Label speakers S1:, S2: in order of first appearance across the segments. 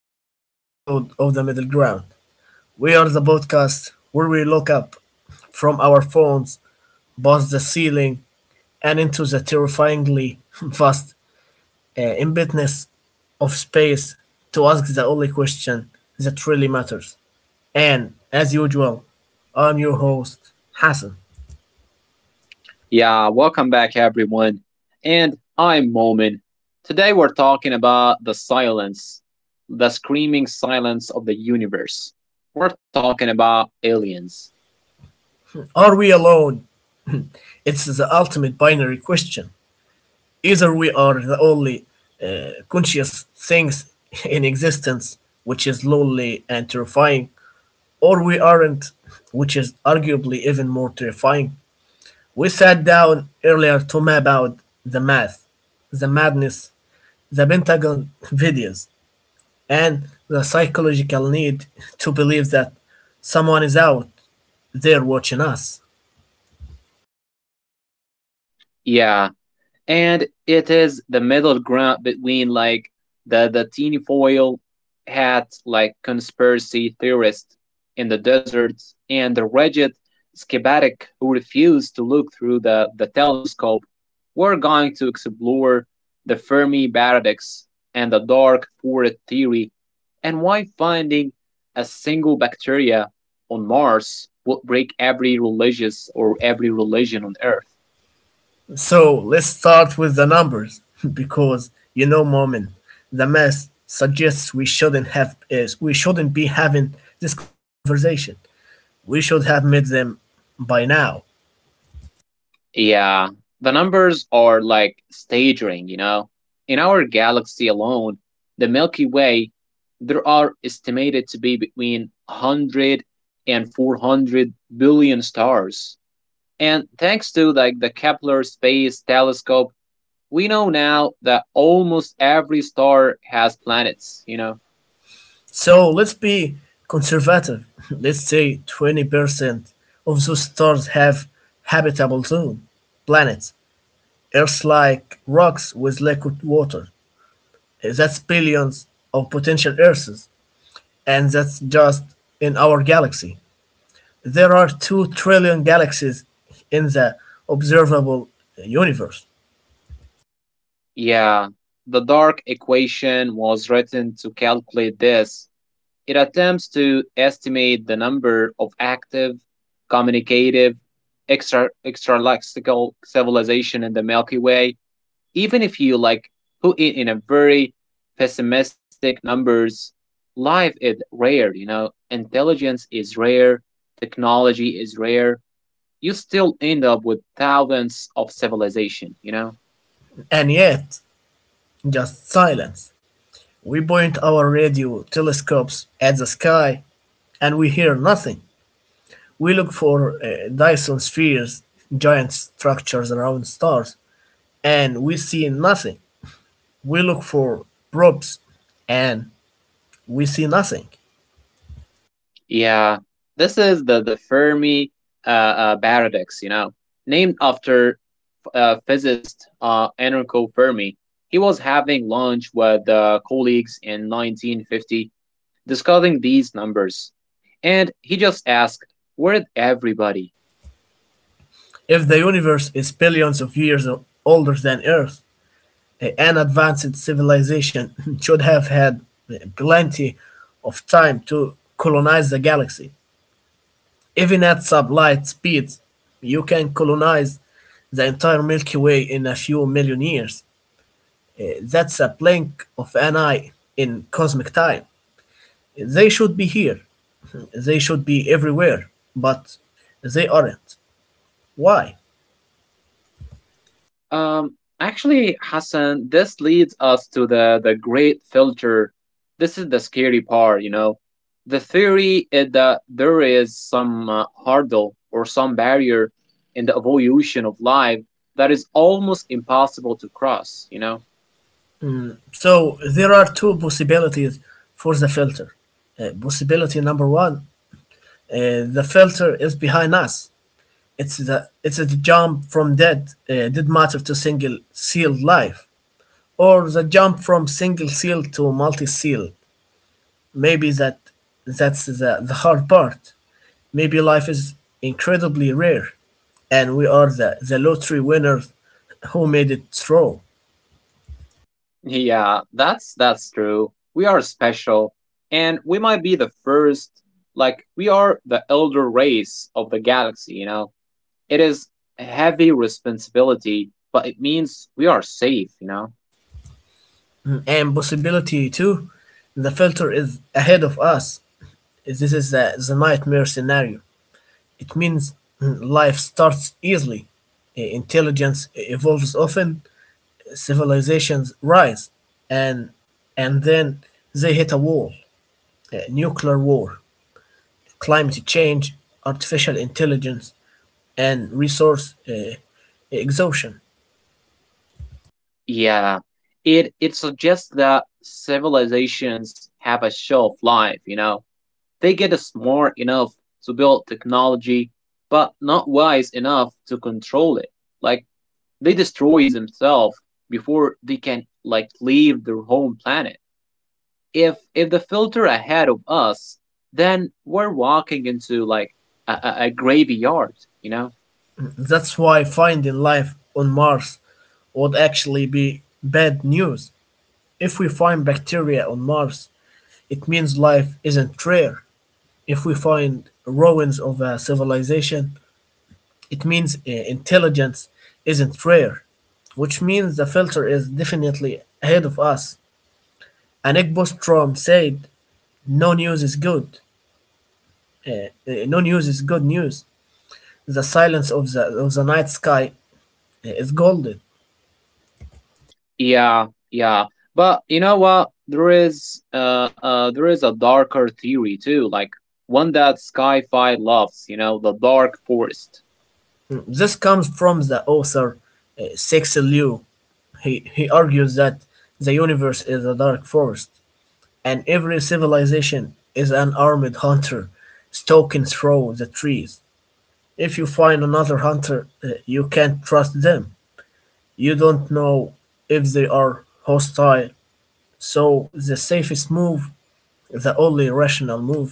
S1: to another episode of The Middle Ground. We are the podcast where we look up from our phones, past the ceiling, and into the terrifyingly vast emptiness of space to ask the only question that really matters. And as usual, I'm your host, Hassan.
S2: Yeah, welcome back everyone. And I'm Momin. Today we're talking about the silence, the screaming silence of the universe. We're talking about aliens.
S1: Are we alone? It's the ultimate binary question. Either we are the only conscious things in existence, which is lonely and terrifying, or we aren't, which is arguably even more terrifying. We sat down earlier to map out the math, the madness, the Pentagon videos, and the psychological need to believe that someone is out there watching us.
S2: Yeah, and it is the middle ground between like the teeny foil hat like conspiracy theorist in the desert and the rigid schematic who refuse to look through the telescope. We're going to explore the fermi paradox and the dark forest theory, and why finding a single bacteria on mars would break every religious or every religion on earth.
S1: So let's start with the numbers, because you know, Momin, the math suggests we shouldn't be having this conversation. We should have made them by now.
S2: Yeah, the numbers are like staggering, you know. In our galaxy alone, the Milky Way, there are estimated to be between one hundred and four hundred billion stars. And thanks to like the Kepler Space Telescope, we know now that almost every star has planets, you know.
S1: So let's be conservative. Let's say 20% of those stars have habitable zone planets, earth like rocks with liquid water. That's billions of potential Earths, and that's just in our galaxy. There are 2 trillion galaxies in the observable universe,
S2: Yeah, the dark equation was written to calculate this. It attempts to estimate the number of active, communicative, extra extralaxical civilization in the Milky Way, even if you like put it in a very pessimistic numbers. Life is rare, you know. Intelligence is rare, technology is rare. You still end up with thousands of civilization, you know.
S1: and yet just silence. We point our radio telescopes at the sky and we hear nothing. We look for Dyson spheres, giant structures around stars, and we see nothing. We look for probes and we see nothing.
S2: Yeah, this is the the Fermi uh, uh, paradox, you know, named after physicist Enrico Fermi. He was having lunch with colleagues in 1950 discussing these numbers. And he just asked, "Where did everybody?"
S1: If the universe is billions of years older than Earth, an advanced civilization should have had plenty of time to colonize the galaxy. Even at sublight speeds, you can colonize the entire Milky Way in a few million years. That's a blink of an eye in cosmic time. They should be here. They should be everywhere, but they aren't. Why?
S2: Actually, Hassan, this leads us to the great filter. This is the scary part, you know. The theory is that there is some hurdle or some barrier in the evolution of life that is almost impossible to cross, you know?
S1: So there are two possibilities for the filter. Possibility number one. The filter is behind us. It's the it's a jump from dead matter to single sealed life, or the jump from single sealed to multi sealed. Maybe that's the hard part. Maybe life is incredibly rare, and we are the lottery winners who made it through.
S2: Yeah, that's true. We are special and we might be the first. Like we are the elder race of the galaxy, you know. It is a heavy responsibility, but it means we are safe, you know.
S1: And possibility two, the filter is ahead of us. This is the nightmare scenario. It means life starts easily, intelligence evolves often, civilizations rise, and then they hit a wall, a nuclear war, climate change, artificial intelligence, and resource exhaustion.
S2: Yeah. It suggests that civilizations have a shelf life, you know. They get smart enough to build technology, but not wise enough to control it. Like they destroy themselves before they can like leave their home planet. If the filter ahead of us, then we're walking into like a graveyard, you know?
S1: That's why finding life on Mars would actually be bad news. If we find bacteria on Mars, it means life isn't rare. If we find ruins of a civilization, it means intelligence isn't rare, which means the filter is definitely ahead of us. And Nick Bostrom said, "No news is good. No news is good news. The silence of the night sky is golden."
S2: Yeah, yeah. But you know what? There is a darker theory too, like one that sci-fi loves, you know, the dark forest.
S1: Mm, This comes from the author Cixi Liu. He argues that the universe is a dark forest, and every civilization is an armed hunter stalking through the trees. If you find another hunter, you can't trust them. You don't know if they are hostile. So the safest move, the only rational move,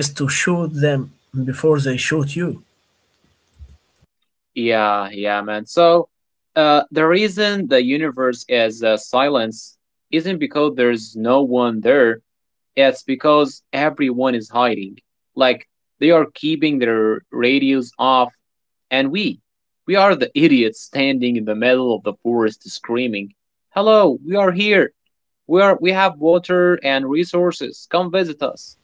S1: is to shoot them before they shoot you.
S2: Yeah, yeah, man. So the reason the universe is silence isn't because there's no one there. Yeah, it's because everyone is hiding. Like they are keeping their radios off, and we are the idiots standing in the middle of the forest screaming, "Hello, we are here. We have water and resources. Come visit us."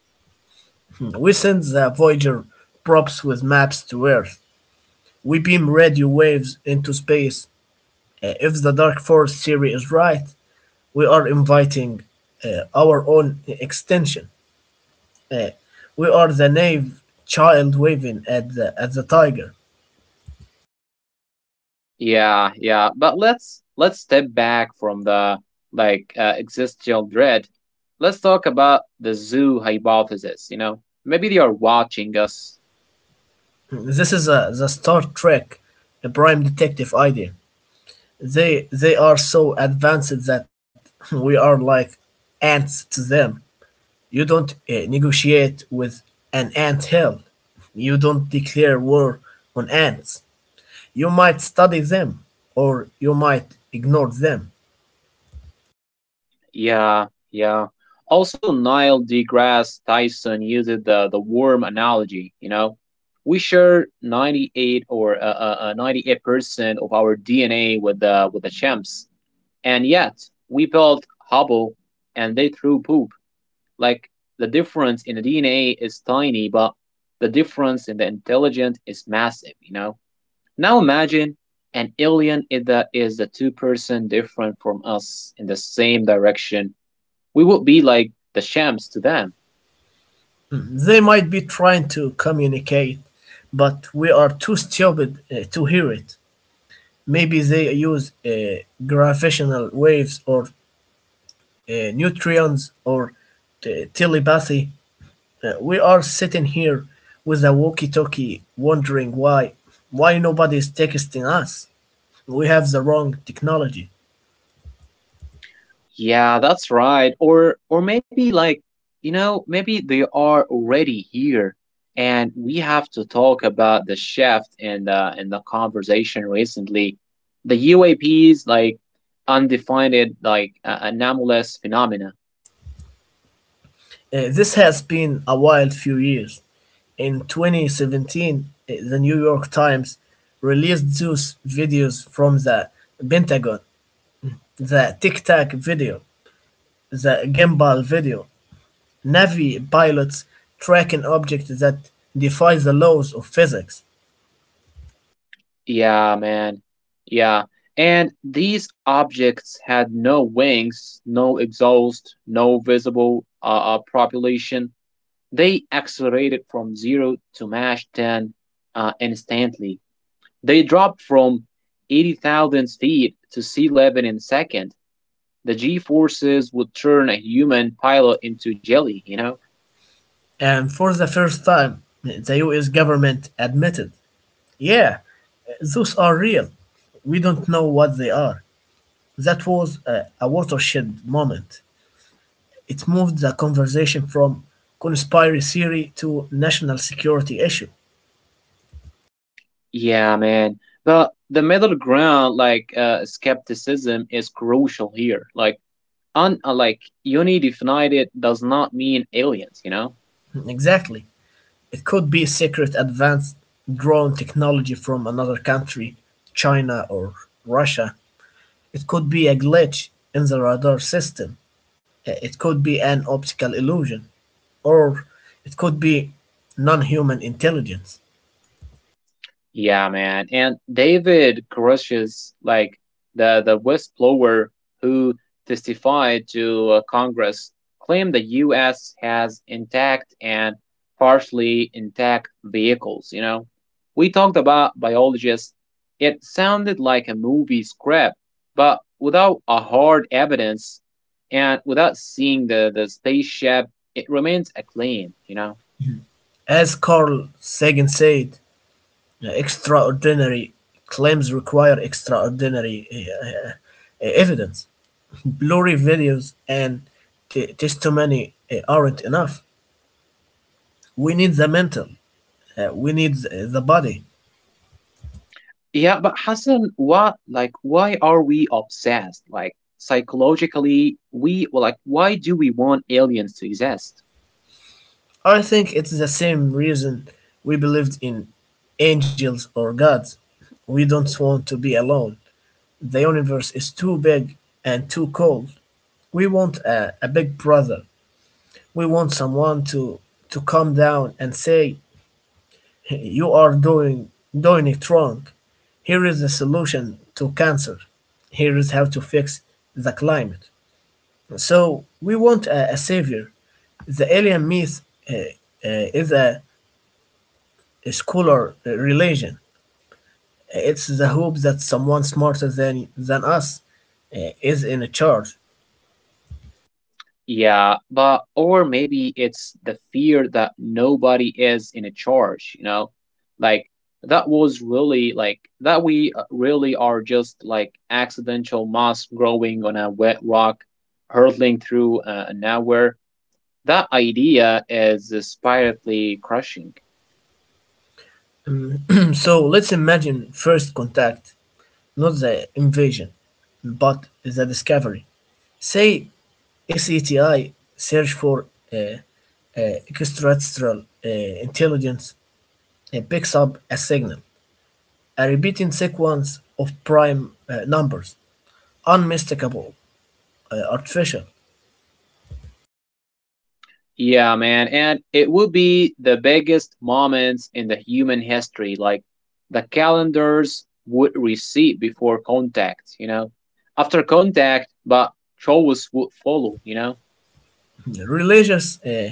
S1: Hmm. We send the Voyager props with maps to Earth. We beam radio waves into space. If the Dark Force theory is right, we are inviting our own extension. Uh, we are the naive child waving at at the tiger.
S2: Yeah, yeah, but let's step back from the like existential dread. Let's talk about the zoo hypothesis. You know, maybe they are watching us.
S1: This is the Star Trek a Prime Detective idea. They are so advanced that we are like ants to them. You don't negotiate with an ant hill. You don't declare war on ants. You might study them or you might ignore them.
S2: Yeah, yeah. Also, Neil deGrasse Tyson used the worm analogy. You know, we share 98 or 98% of our DNA with the chimps, and yet we built Hubble, and they threw poop. Like the difference in the DNA is tiny, but the difference in the intelligence is massive. You know. Now imagine an alien is the 2% different from us in the same direction. We would be like the shams to them.
S1: Mm, They might be trying to communicate, but we are too stupid to hear it. Maybe they use gravitational waves or nutrients or telepathy. We are sitting here with a walkie-talkie, wondering why nobody is texting us. We have the wrong technology.
S2: Yeah, that's right. Or maybe like, you know, maybe they are already here, and we have to talk about the shift in the conversation recently. The UAPs like undefined like anomalous phenomena.
S1: This has been a wild few years. In 2017, the New York Times released those videos from the Pentagon, the Tic Tac video, the Gimbal video, Navy pilots tracking objects that defy the laws of physics.
S2: Yeah, man. Yeah. And these objects had no wings, no exhaust, no visible population. They accelerated from 0 to Mach 10 instantly. They dropped from 80,000 feet to sea level in second. The G forces would turn a human pilot into jelly, you know?
S1: And for the first time, the US government admitted, yeah, those are real. We don't know what they are. That was a watershed moment. It moved the conversation from conspiracy theory to national security issue.
S2: Yeah, man. But the middle ground, like skepticism, is crucial here. Like, like unidefinited does not mean aliens, you know?
S1: Exactly. It could be secret advanced drone technology from another country, China or Russia. It could be a glitch in the radar system. It could be an optical illusion. Or it could be non-human intelligence.
S2: Yeah, man. And David Grush's like the whistleblower who testified to Congress claimed the U.S. has intact and partially intact vehicles. You know, we talked about biologists. It sounded like a movie script, but without a hard evidence and without seeing the spaceship, it remains a claim. You know.
S1: As Carl Sagan said, extraordinary claims require extraordinary evidence. Blurry videos and testimony aren't enough. We need the mental. We need the body.
S2: Yeah, but Hassan, what like why are we obsessed? Like psychologically, we well, like why do we want aliens to exist?
S1: I think it's the same reason we believed in angels or gods. We don't want to be alone. The universe is too big and too cold. We want a big brother. We want someone to come down and say, "You are doing it wrong. Here is the solution to cancer. Here is how to fix the climate." So we want a savior. The alien myth uh, is a scholar religion. It's the hope that someone smarter than us is in charge.
S2: Yeah, but or maybe it's the fear that nobody is in a charge, you know? Like that was really like that we really are just like accidental moss growing on a wet rock, hurtling through nowhere. That idea is spiritually crushing.
S1: So let's imagine first contact. Not the invasion, but the discovery. Say SETI, search for uh, extraterrestrial intelligence, picks up a signal, a repeating sequence of prime numbers, unmistakable, artificial,
S2: Yeah, man. And it would be the biggest moments in the human history. Like the calendars would recede before contact, you know, after contact, but shows would follow, you know.
S1: religious uh,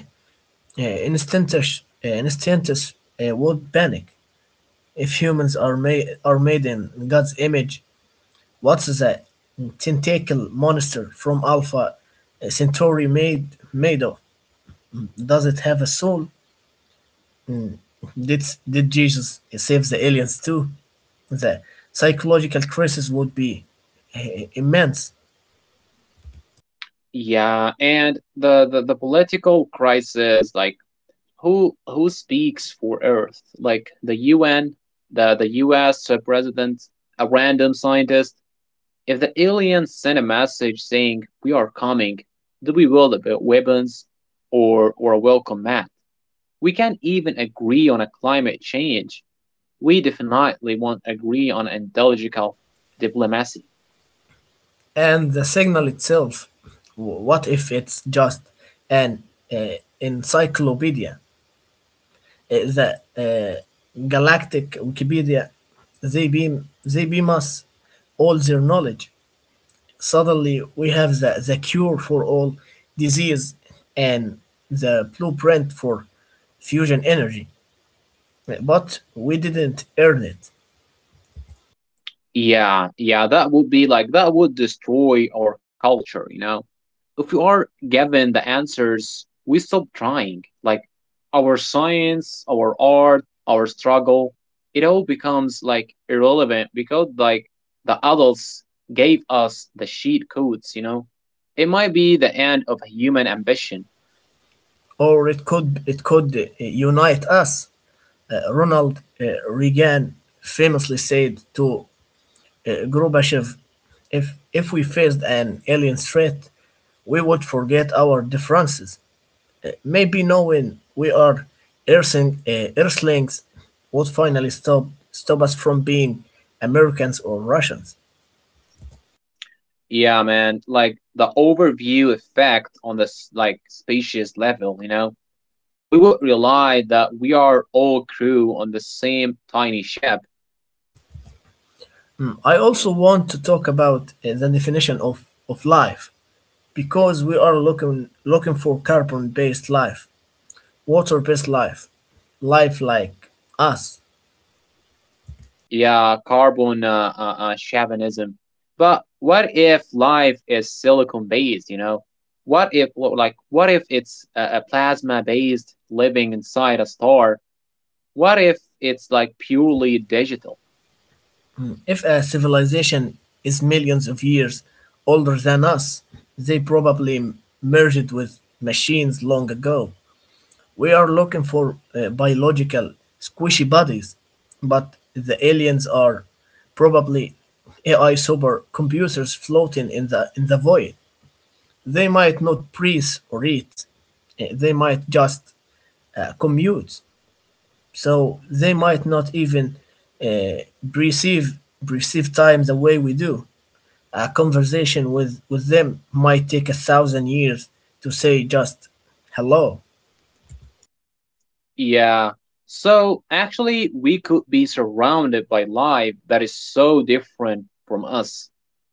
S1: uh, instantes, uh, instantes would panic. If humans are made in God's image, what's the tentacle monster from Alpha Centauri made of? Does it have a soul? Did did Jesus save the aliens too? The psychological crisis would be immense,
S2: Yeah, and the political crisis, like who speaks for Earth? Like the UN, the US president, a random scientist. If the aliens send a message saying, "We are coming," do we wield weapons or a welcome mat? We can't even agree on a climate change. We definitely won't agree on ideological diplomacy.
S1: and the signal itself. What if it's just an encyclopedia? The uh, galactic Wikipedia. They beam they beam us all their knowledge. Suddenly, we have the cure for all disease and the blueprint for fusion energy, but we didn't earn it.
S2: Yeah, yeah, that would be like that would destroy our culture, you know. If we are given the answers, we stop trying. Like our science, our art, our struggle, it all becomes like irrelevant because like the adults gave us the sheet codes, you know. It might be the end of human ambition.
S1: Or it could unite us. Ronald Reagan famously said to Gorbachev, If we faced an alien threat, we would forget our differences. Maybe knowing we are Earthlings would finally stop us from being Americans or Russians."
S2: Yeah, man, like the overview effect on this like species level, you know, we would realize that we are all crew on the same tiny ship.
S1: Hmm, I also want to talk about the definition of, life because we are looking for carbon based life, water based life, life like us.
S2: Yeah, carbon chauvinism. But what if life is silicon based? You know, what if, well, like what if it's a plasma based living inside a star? What if it's like purely digital?
S1: If a civilization is millions of years older than us, they probably merged with machines long ago. We are looking for biological squishy bodies, but the aliens are probably AI supercomputers floating in the void. They might not breathe or eat. They might just commute. So they might not even uh, perceive perceive time the way we do. A conversation with them might take a thousand years to say just hello.
S2: Yeah. So actually, we could be surrounded by life that is so different from us,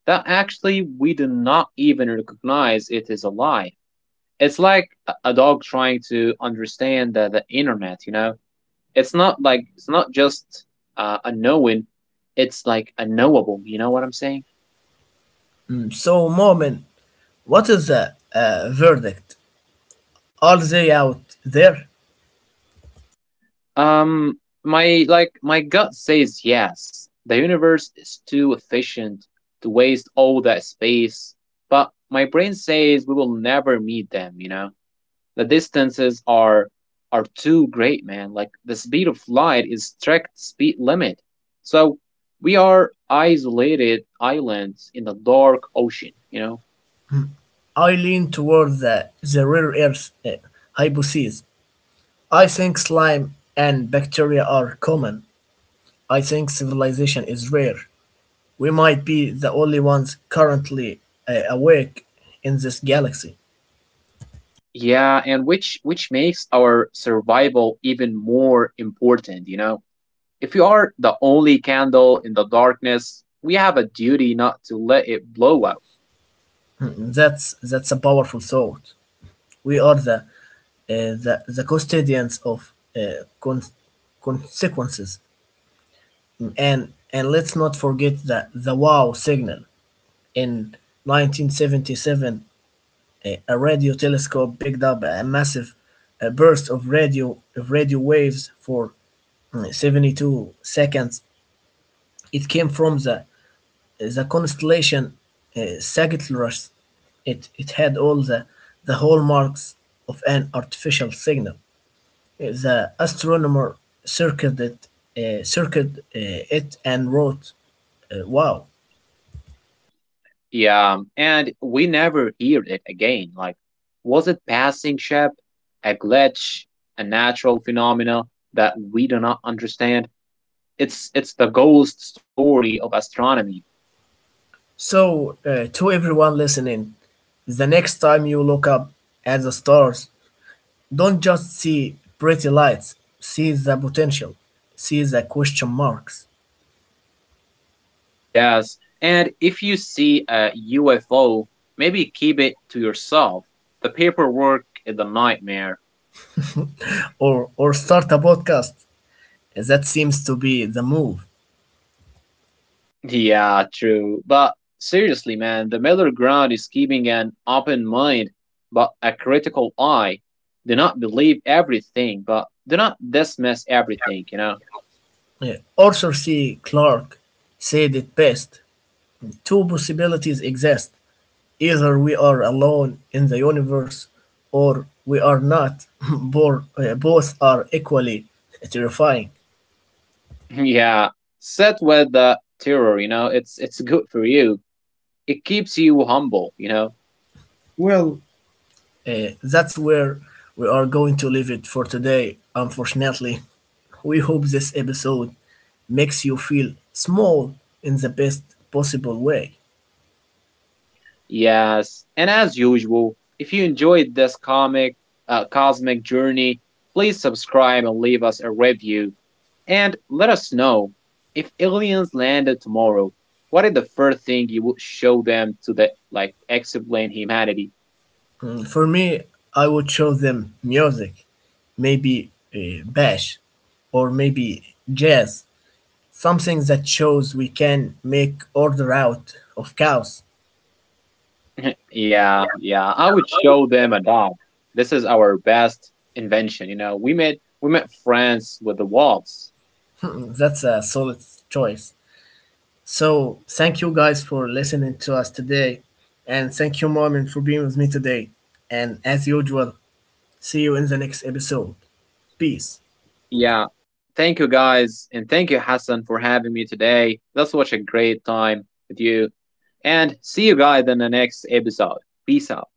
S2: that actually we do not even recognize it is alive. It's like a- dog trying to understand the internet, you know? It's not like, it's not just a knowing, it's like a knowable, you know what I'm saying?
S1: Mm, So, Moment, what is the verdict? Are they out there?
S2: My, like, my gut says yes. The universe is too efficient to waste all that space, but my brain says we will never meet them, you know? The distances are too great, man. Like the speed of light is strict speed limit. So we are isolated islands in the dark ocean, you know?
S1: I lean toward the rare earth hypothesis. I think slime and bacteria are common. I think civilization is rare. We might be the only ones currently awake in this galaxy.
S2: Yeah, and which makes our survival even more important, you know? If you are the only candle in the darkness, we have a duty not to let it blow out.
S1: Mm, That's a powerful thought. We are the custodians of uh, con- consequences. And let's not forget that the wow signal in 1977, a radio telescope picked up a massive burst of radio waves for 72 seconds. It came from the constellation Sagittarius. It had all the hallmarks of an artificial signal. The astronomer circled it, circled it, and wrote, "Wow."
S2: Yeah, and we never hear it again. Like, was it passing ship, a glitch, a natural phenomena that we do not understand? It's the ghost story of astronomy.
S1: So, to everyone listening, the next time you look up at the stars, don't just see pretty lights, see the potential, see the question marks,
S2: Yes, and if you see a UFO, maybe keep it to yourself. The paperwork is a nightmare.
S1: or start a podcast. That seems to be the move.
S2: Yeah, true. But seriously, man, the middle ground is keeping an open mind, but a critical eye. Do not believe everything, but do not dismiss everything, you know?
S1: Arthur C. Clarke said it best: two possibilities exist, either we are alone in the universe or we are not. Both are equally terrifying.
S2: Yeah. Sit with the terror, you know, it's good for you. It keeps you humble, you know?
S1: Well, that's where we are going to leave it for today, unfortunately. We hope this episode makes you feel small in the best possible way.
S2: Yes. And as usual, if you enjoyed this comic cosmic journey, please subscribe and leave us a review. And let us know, if aliens landed tomorrow, what is the first thing you would show them to the like explain humanity?
S1: Mm, For me, I would show them music, maybe bash, or maybe jazz, something that shows we can make order out of chaos.
S2: Yeah, yeah. I would show them a dog. This is our best invention, you know. We made friends with the wolves.
S1: That's a solid choice. So, thank you guys for listening to us today. And thank you, Marvin, for being with me today. And as usual, see you in the next episode. Peace.
S2: Yeah. Thank you guys, and thank you Hassan for having me today. That's such a great time with you. And see you guys in the next episode. Peace out.